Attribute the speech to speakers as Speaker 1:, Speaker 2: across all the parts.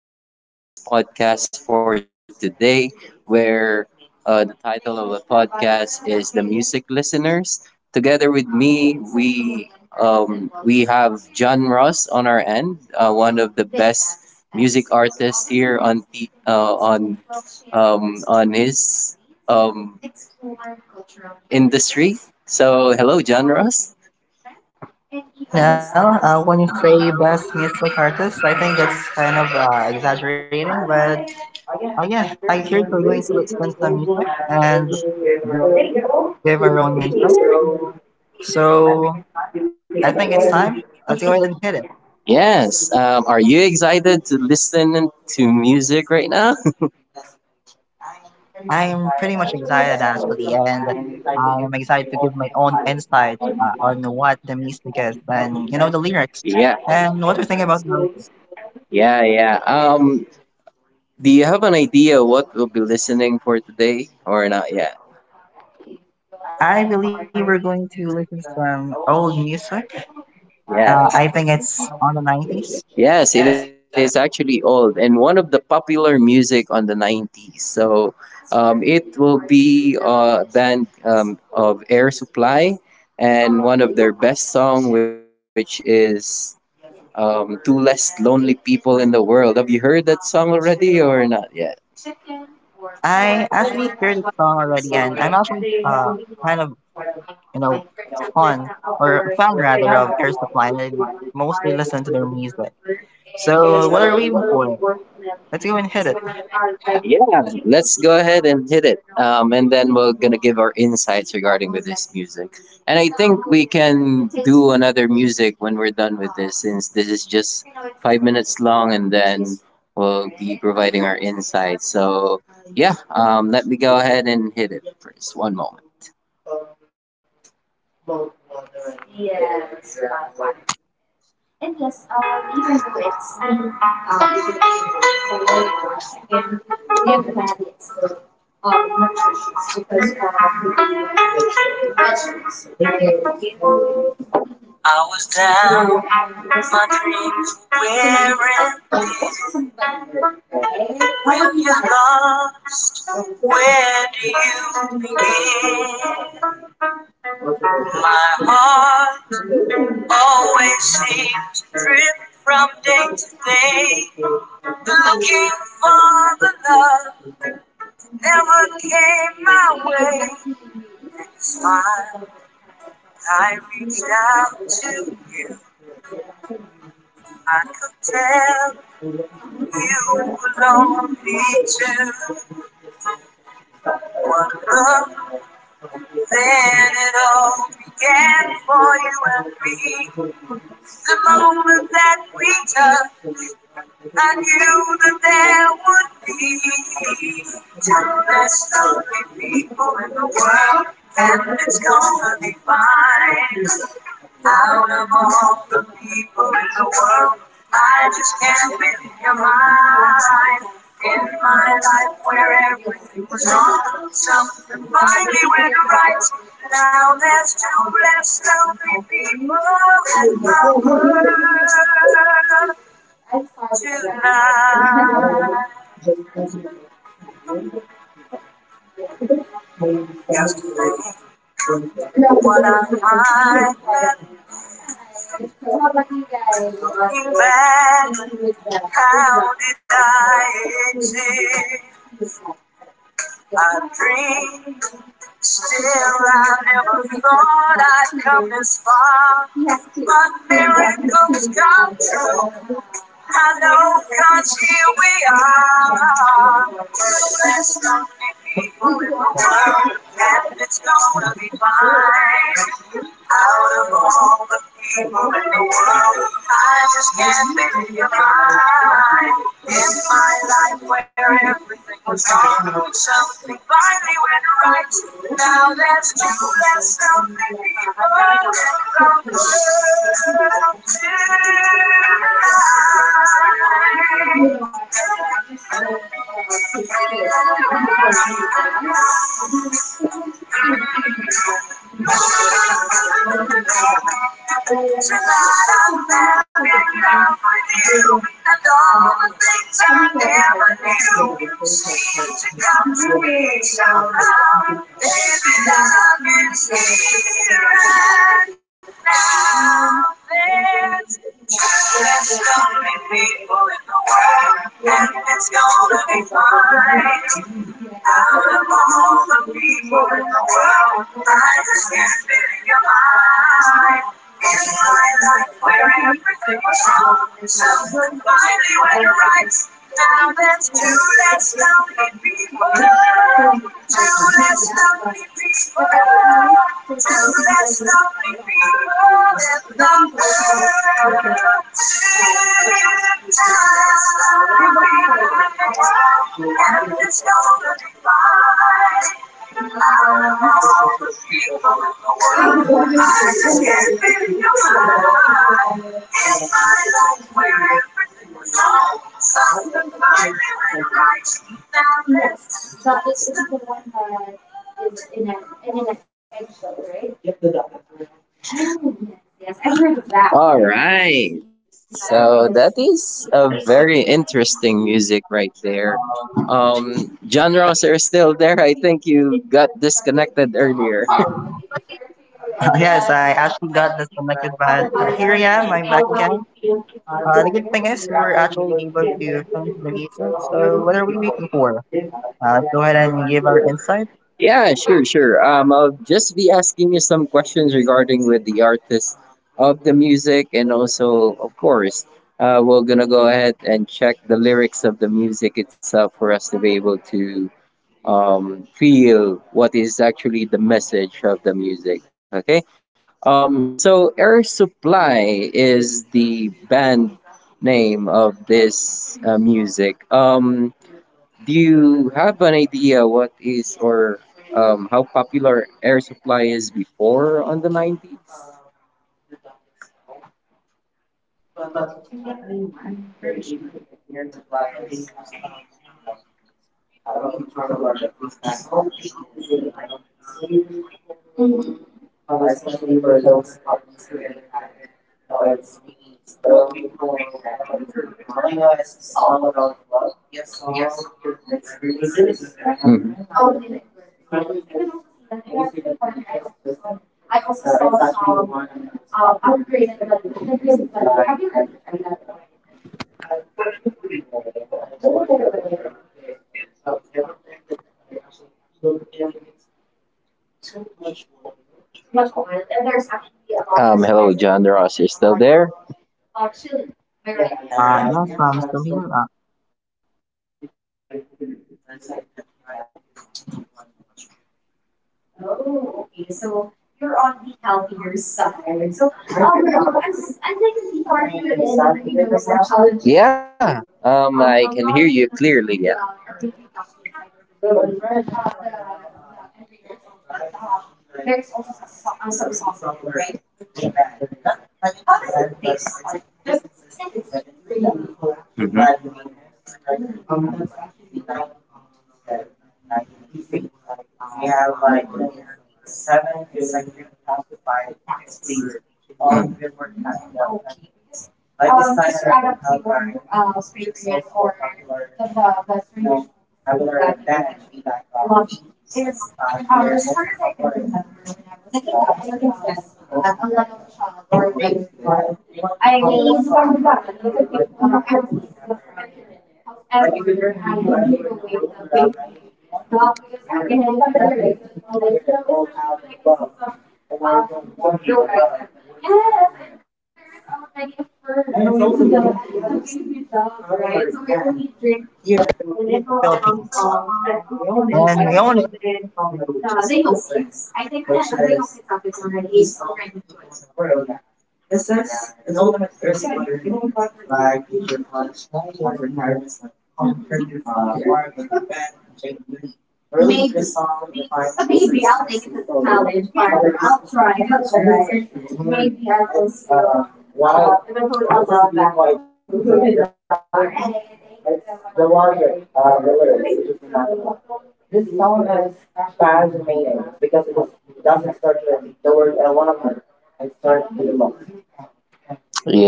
Speaker 1: Host for this podcast for today, where the title of the pod music listeners, together with John Ross on our end, one of the um. Hello, John Ross.
Speaker 2: Hello, Arnell. When you say best music artist, I think that's kind of exaggerating, but yeah, I heard we're going to listen some music and give our own mental. So I think it's time. Let's go ahead and hit it.
Speaker 1: Yes. Are you excited to listen to music right now?
Speaker 2: I'm pretty much excited actually, and I'm excited to give my own insight on what the music is and you know the lyrics and what we think about the artist.
Speaker 1: Yeah, yeah. Do you have an idea what we'll be listening for today, or not yet?
Speaker 2: I believe we're going to listen to some old music. I think it's on the 90s.
Speaker 1: Yes, it is actually old and one of the popular music on the 90s. So and uh, and is uh, not yet.
Speaker 2: I actually heard the song already, and I'm actually kind of you know fun or a fan rather of Air Supply, and I mostly listen to their music. So what are we waiting for? Let's go and hit it.
Speaker 1: And and then our instant to another music and we're done. This is just well, let me go ahead and hit it first. One more. I was there you love, where do you begin? My heart always seems to drift from day to day, looking for the love never came my way. It's why I reached out to you. I could tell you were lonely too. What love. Then it all began for you and me. The moment that we touched, I knew that there would be two best lovely people in the world, and it's gonna be fine. Out of all the people in the world, I just can't believe you're mine. In my life where everything was wrong, some. Finally we're right. Now there's two less lonely people in the world tonight. What am I looking back? How did I exist? I dreamed, still I never thought I'd come this far. My miracles come true. I know, cause here we are. There's nothing people in the world, and it's gonna be fine. Out of all the people in the world, I just can't be divine. In my life where everything was wrong, something finally went right. Now there's two less something people in the world tonight. Tonight I'm standing up with you, and all the things I never knew seem to come to me somehow. Baby, love is here and now. There's just less lonely people in the world, and it's gonna be fine. All the wrong the people in the world. I just can't fit in your mind. In my life where everything was wrong. Someone finally went right. Now there's two less lonely people. Two less lonely people. That's the only people that number. And it's gonna be fine. All the people I just can't be your. I like where it was all. Something I really right now. This a very interesting music right there. Genres are still there. I think you hear.
Speaker 2: Yes, I actually got disconnected, but here I am. I'm back again. The good thing is we were actually able to finish the music. So what are we waiting for? Let's go ahead and give our insight.
Speaker 1: Yeah, sure, sure. I'll just be asking you some questions regarding with the artist of the music, and also, of course, we're gonna go ahead and check the lyrics of the music itself for us to be able to feel what is actually the message of the music. Okay. So Air Supply is the band name of this music. Do you have an idea what is or how popular Air Supply is before on the 90s? Under us.
Speaker 2: Yes, I'm still here.
Speaker 1: Um, Yeah.
Speaker 2: Here in the Philippines. And my own,
Speaker 1: This old address song.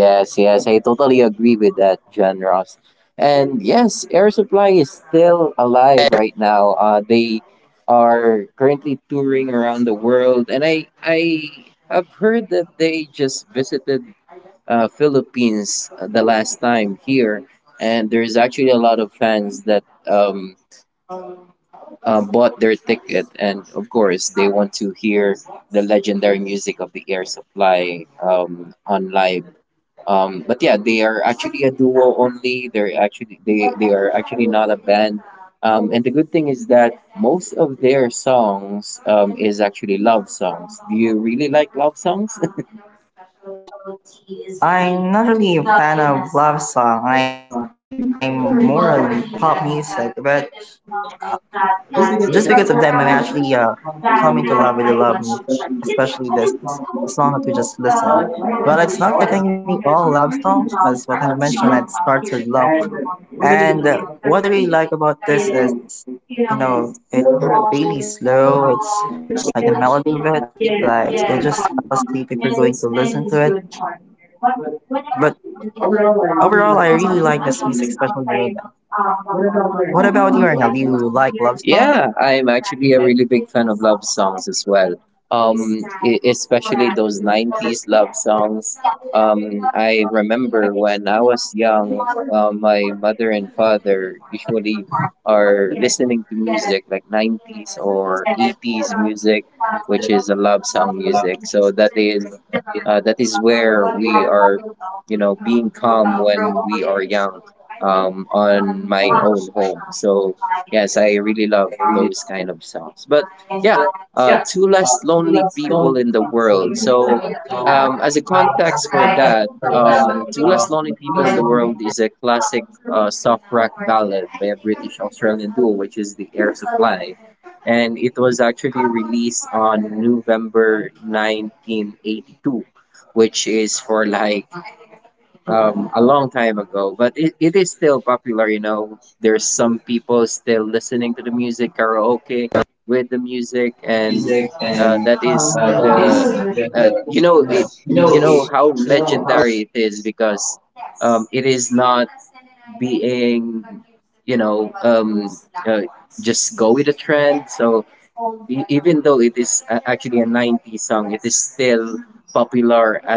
Speaker 1: Yes, yes, I totally agree that, John Ross. And yes, Air Supply is still alive right now. They are currently touring around the world, and I have heard that they just visited Philippines the last time here, and there's actually a lot of fans that bought their ticket, and of course they want to hear the legendary music of the Supply on live. But yeah, they are actually a duo only. They're actually they and the good thing is that most of their songs is actually live. Really
Speaker 2: I'm not really a fan of love song. I'm more on pop music, but uh, just because of them, I'm
Speaker 1: that I
Speaker 2: actually
Speaker 1: think everyone
Speaker 2: coming to
Speaker 1: should
Speaker 2: love
Speaker 1: check.
Speaker 2: really love music,
Speaker 1: I would
Speaker 2: especially this
Speaker 1: also,
Speaker 2: song that we just
Speaker 1: recommend
Speaker 2: listened.
Speaker 1: going for it,
Speaker 2: Well, it's not
Speaker 1: because
Speaker 2: technically all
Speaker 1: reading
Speaker 2: love
Speaker 1: about,
Speaker 2: song, as what I
Speaker 1: chicken
Speaker 2: have
Speaker 1: and how
Speaker 2: mentioned, it
Speaker 1: here
Speaker 2: starts
Speaker 1: in
Speaker 2: with
Speaker 1: Vermont,
Speaker 2: love.
Speaker 1: especially in
Speaker 2: And
Speaker 1: February,
Speaker 2: what I really like about
Speaker 1: is,
Speaker 2: this is,
Speaker 1: you know,
Speaker 2: you know, it's
Speaker 1: all
Speaker 2: really
Speaker 1: the
Speaker 2: slow. It's
Speaker 1: chicken, on yeah,
Speaker 2: like the melody of it,
Speaker 1: chicken
Speaker 2: like
Speaker 1: on,
Speaker 2: you just
Speaker 1: and
Speaker 2: fall
Speaker 1: it's
Speaker 2: asleep if you're going
Speaker 1: really
Speaker 2: to
Speaker 1: good
Speaker 2: listen
Speaker 1: part
Speaker 2: to it.
Speaker 1: here. But when I actually did
Speaker 2: But
Speaker 1: the I know
Speaker 2: overall,
Speaker 1: you're
Speaker 2: I really
Speaker 1: just
Speaker 2: like this music,
Speaker 1: outside,
Speaker 2: especially the rhythm.
Speaker 1: uh, like,
Speaker 2: What about you, Arnel? Do you like love
Speaker 1: yeah, I'm actually a really uh especially those 90s. I remember young, um, usually are listening to music like 80s music, song music. So that is where we are, you know, being calm when we are young, on my own home. So yes, I really love those kind of songs. But yeah, two less lonely people in the
Speaker 2: song?
Speaker 1: world. So as a
Speaker 2: Yeah,
Speaker 1: context for that, Two Less Lonely People in the World is a classic soft rock ballad, which is the and it was actually released on November 1982, which is for like a long time ago, but it is still popular, you know. There's some people still listening to the music, karaoke with the music,
Speaker 2: music
Speaker 1: and
Speaker 2: and
Speaker 1: that
Speaker 2: all these,
Speaker 1: the you know it,
Speaker 2: you
Speaker 1: you know how legendary it is because it is being 60s still popular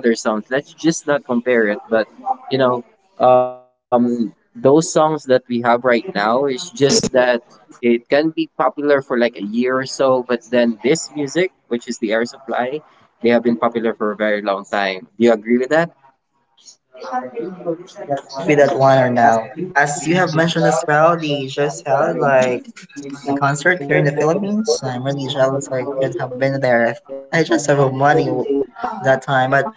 Speaker 1: other songs. Let's just not compare it. But those songs that we have right now is just that it can be popular for like a year or so. But then this music, which is the Air Supply, they have been popular for a very long time. Do you agree with that?
Speaker 2: I really do agree with that one or now. As you have mentioned as well, they just held like a concert here in the Philippines. I'm really jealous I could have been there if I just have money that time. But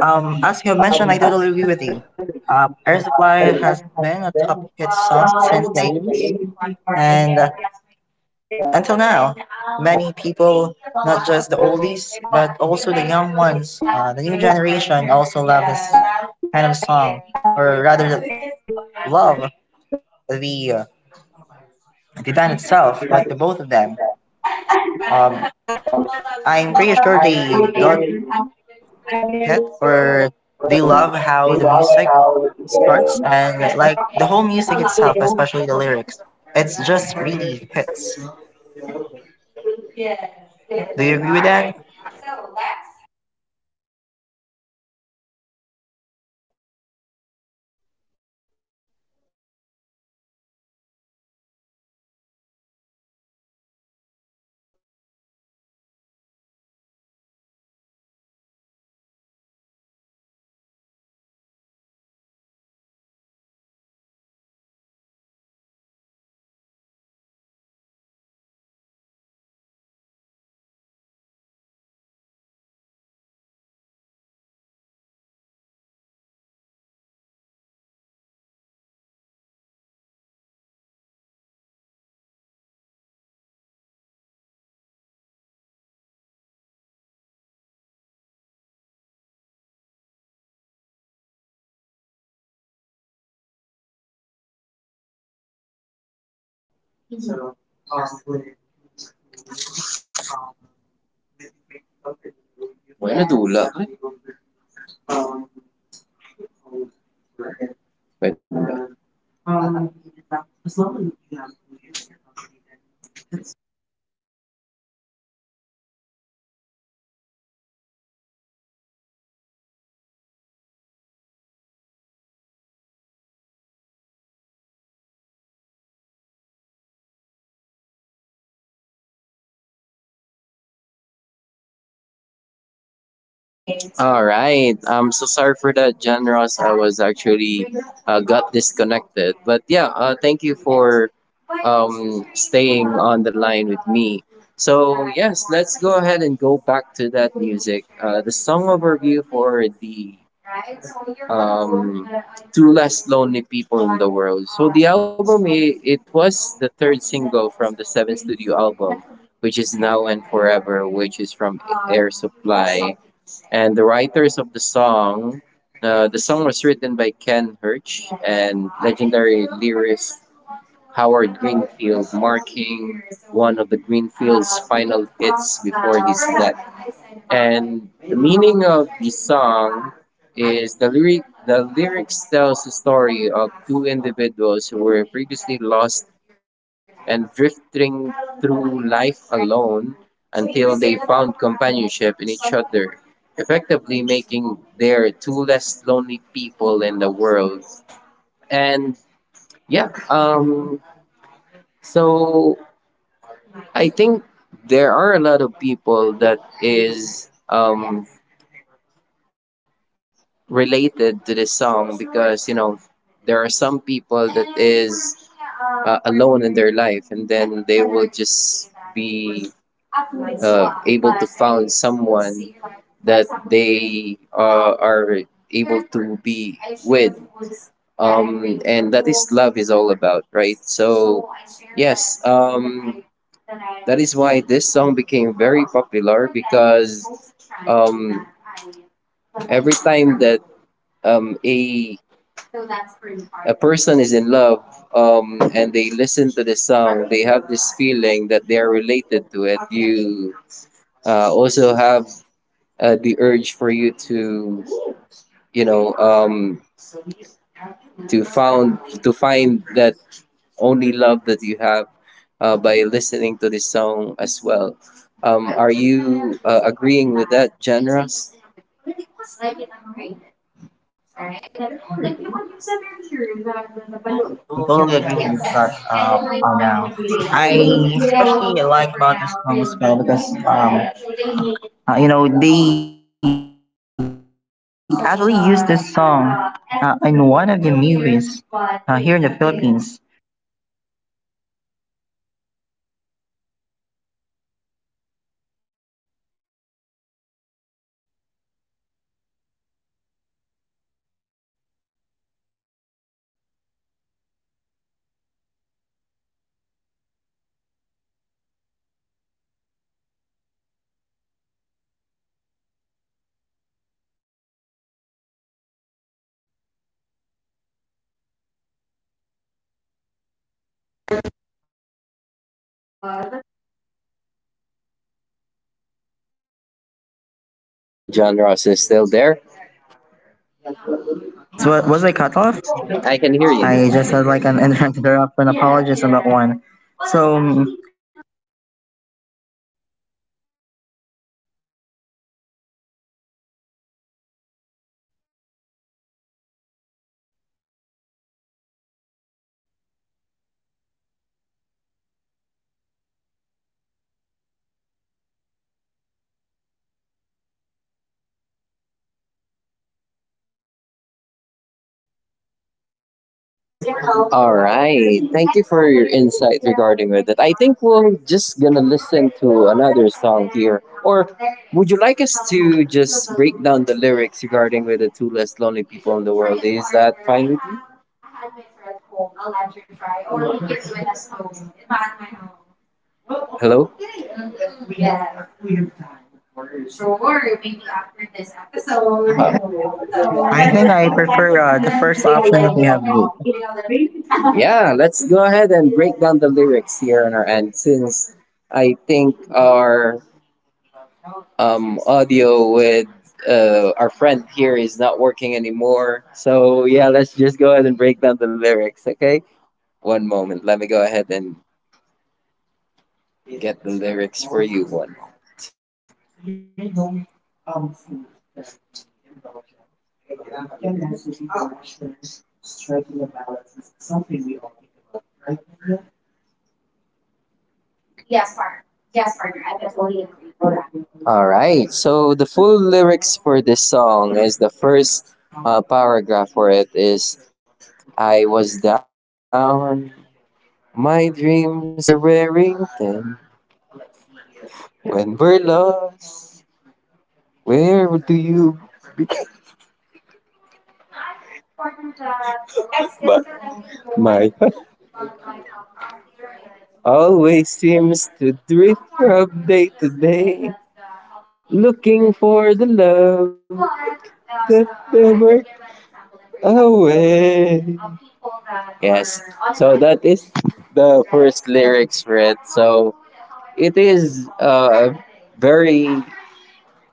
Speaker 2: as you have mentioned, I totally agree with you. Air Supply has been a top hit song since the 80s, and until now, many people, not just the oldies, but also the young ones, the new
Speaker 1: Right?
Speaker 2: generation,
Speaker 1: Yeah,
Speaker 2: also love
Speaker 1: that,
Speaker 2: this
Speaker 1: that's
Speaker 2: kind of
Speaker 1: I need.
Speaker 2: song, or rather, love the uh, the band itself, like the both of them. Um, I'm pretty sure they got hit, or they love how the music starts and like the whole music itself, especially the lyrics. It's just really hits. Do you agree with that?
Speaker 1: All right. I'm so sorry for that, John Ross. I was actually got disconnected. But yeah, thank you for staying on the line with me. So, yes, let's go ahead and go back to that music. The song overview for the um, Two Less Lonely People in the World. So, the album, it was the third single from the seventh studio album, which is Now and Forever, which is from Air Supply. And the writers of the song the song was written by Ken Hirsch and legendary lyricist Howard Greenfield, marking one of the Greenfield's final hits before his death. And the meaning of the song is the lyrics tells the story of two individuals who were previously lost and drifting through life alone until they found companionship in each other, effectively making their two less lonely people in the world. And yeah, so I think there are a lot of people that is related to this song because you know there are some people that is alone in their life and then they will just be able to find someone that they are able to be with, and that is love is all about, right? So yes, that is why this song became very popular because um, every time that um, a a person is in love, and they listen to the song, they have this feeling that they are related to it. You also have the urge for you to, you know, to find that only love that you have, by listening to this song as well. Are you agreeing with that, generous?
Speaker 2: I totally agree with you because on now. I especially like about this song as well because you know they actually used this song in one of the movies here in the Philippines.
Speaker 1: Hello, John Ross is still there.
Speaker 2: Yes, was I cut off?
Speaker 1: I can hear you.
Speaker 2: I just had like an interrupt and apologies on that one. So
Speaker 1: All right. Thank you for your insight regarding with it. I think we're just gonna listen to another song here. Or would you like us to just break down the lyrics regarding with the two less lonely people in the world? Is that fine with you? Hello? Uh,
Speaker 2: I think I prefer the first option that we have.
Speaker 1: Yeah, let's go ahead and break down the lyrics here on our end since I think our audio with our friend here is not working anymore. So, yeah, let's just go ahead and break down the lyrics, okay? One moment. Let me go ahead and get the lyrics for you. One moment. All right. So the full lyrics for this song is the first paragraph for it is: I was down. My dreams were wearing thin. When we're lost, where do you become? But my heart always seems to drift from day to day, looking for the love that never away. Yes, so that is the first lyrics read. So it is very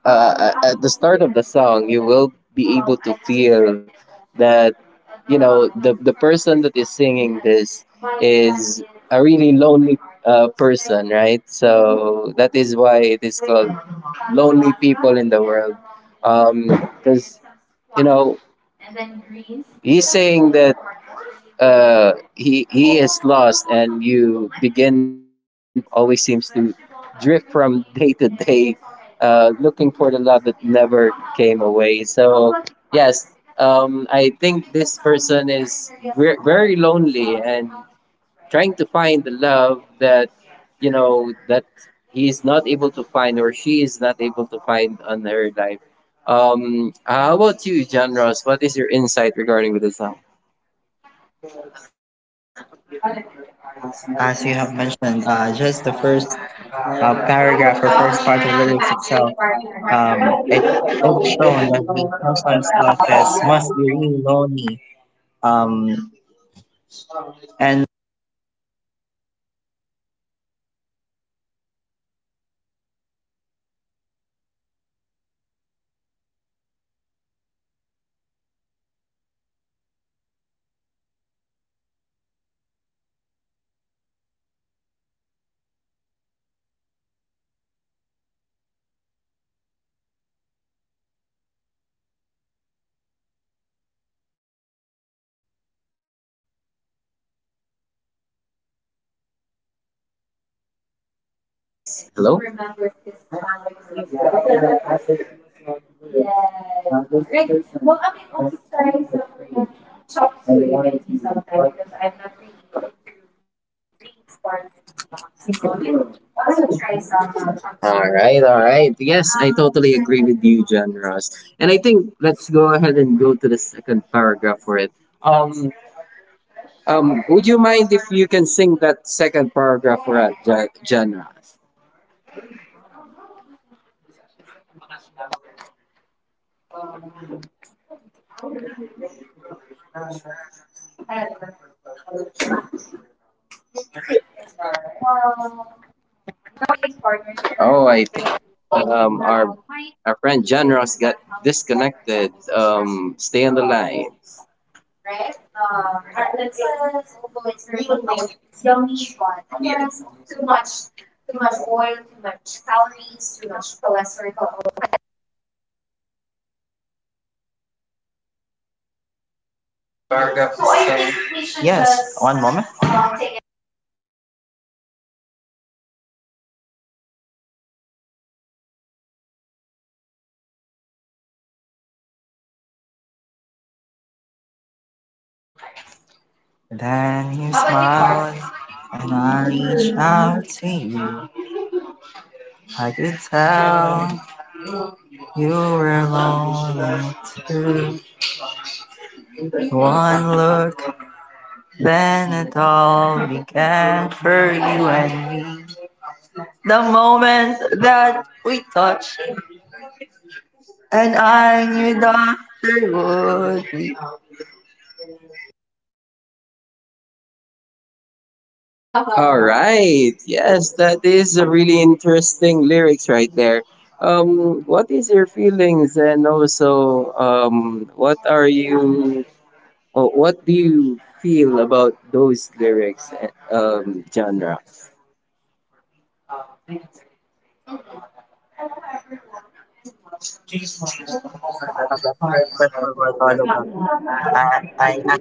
Speaker 1: at the start of the song, you will be able to feel that you know the person that is singing this is a really lonely person, right? So that is why it is called "Lonely People in the World," because you know he's saying that he is lost, and you begin to always seems to drift from day to day, looking for the love that never came away. So yes, I think this person is very lonely, and trying to find the love that you know that he is not able to find or she is not able to find on her life. How about you, John Ross? What is your insight regarding with the song?
Speaker 2: As you have mentioned, just the first paragraph or first part of lyrics itself, it it's shown that the person itself is must be really lonely. Um, and
Speaker 1: Yes. Hello. All right, all right. Yes, I totally agree with you, John Ross. And I think let's go ahead and go to the second paragraph for it. Um, would you mind if you can sing that second paragraph for us, John Ross? Oh, I think um, our our friend John Ross got disconnected. Stay on the line.
Speaker 2: yes, one moment. Then he smiled, and I reached out to you. I could tell you were lonely too. One look, then it all began for you and me. The moment that we touched, and I knew that there would be
Speaker 1: All right. Yes, that is a really interesting lyrics right there. What is your feelings, and also, what are you? Oh, what do you feel about those lyrics, John Ross?
Speaker 2: a moment that question was all about. I, I,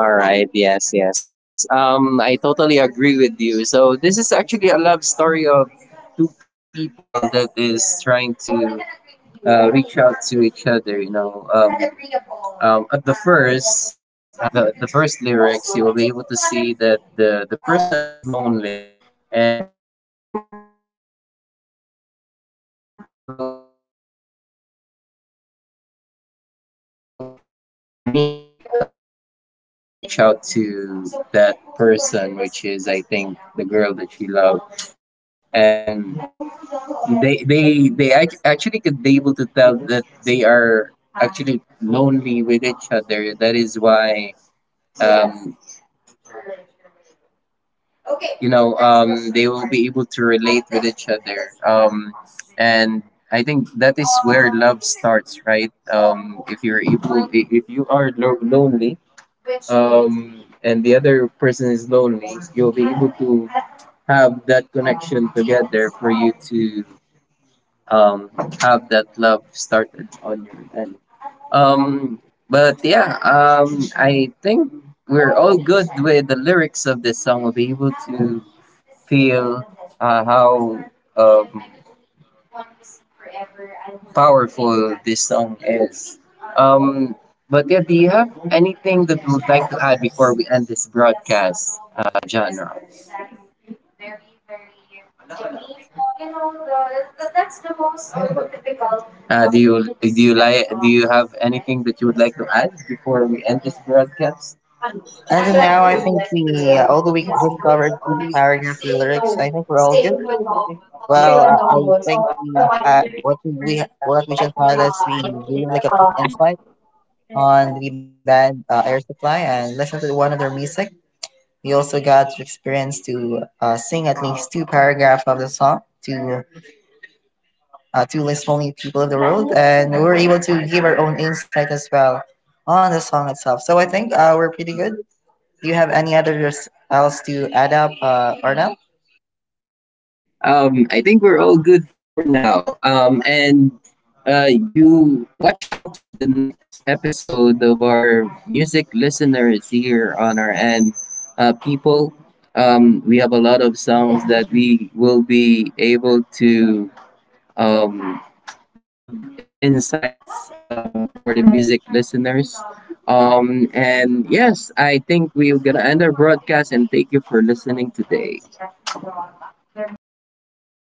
Speaker 1: All right. Yes, yes. I totally agree with you. So this is actually a love story of two people that is trying to reach out to each other. You know, at the first lyrics, you will be able to see that the person is lonely, and you will be able to meet his or his loved ones, and you know she reach out he reached out to that person, which is I think the girl that he loved, and they actually could be able to tell that they are actually lonely with each other. That is why um, you know they will be able to relate with each other, and I think that is where love starts, right? If if you are lonely, and the other person is lonely, you'll be able to have that connection together for you to um, have that love started on your end. Um, but yeah, I think we're all good with the lyrics of this song. We'll be able to feel how um, powerful this song is. Um, but yeah, do you have anything that you would like to add before we end this broadcast, genre? Do you have anything that you would like to add before we end this broadcast?
Speaker 2: and now I think we, although we just covered the paragraphs the lyrics, I think we're all good. Well, I think we had what we just had is we gave like a quick insight on the band Air Supply and listen to one of their music. We also got to experience to sing at least two paragraphs of the song to list only people of the world, and we were able to give our own insight as well on the song itself. So I think we're pretty good. Do you have any others else to add up, Arnell?
Speaker 1: I think we're all good for now. And You watch out with the next episode of our music listeners here on our end. People, we have a lot of songs that we will be able to um, give insights for the music listeners. And yes, I think we're going to end our broadcast and thank you for listening today.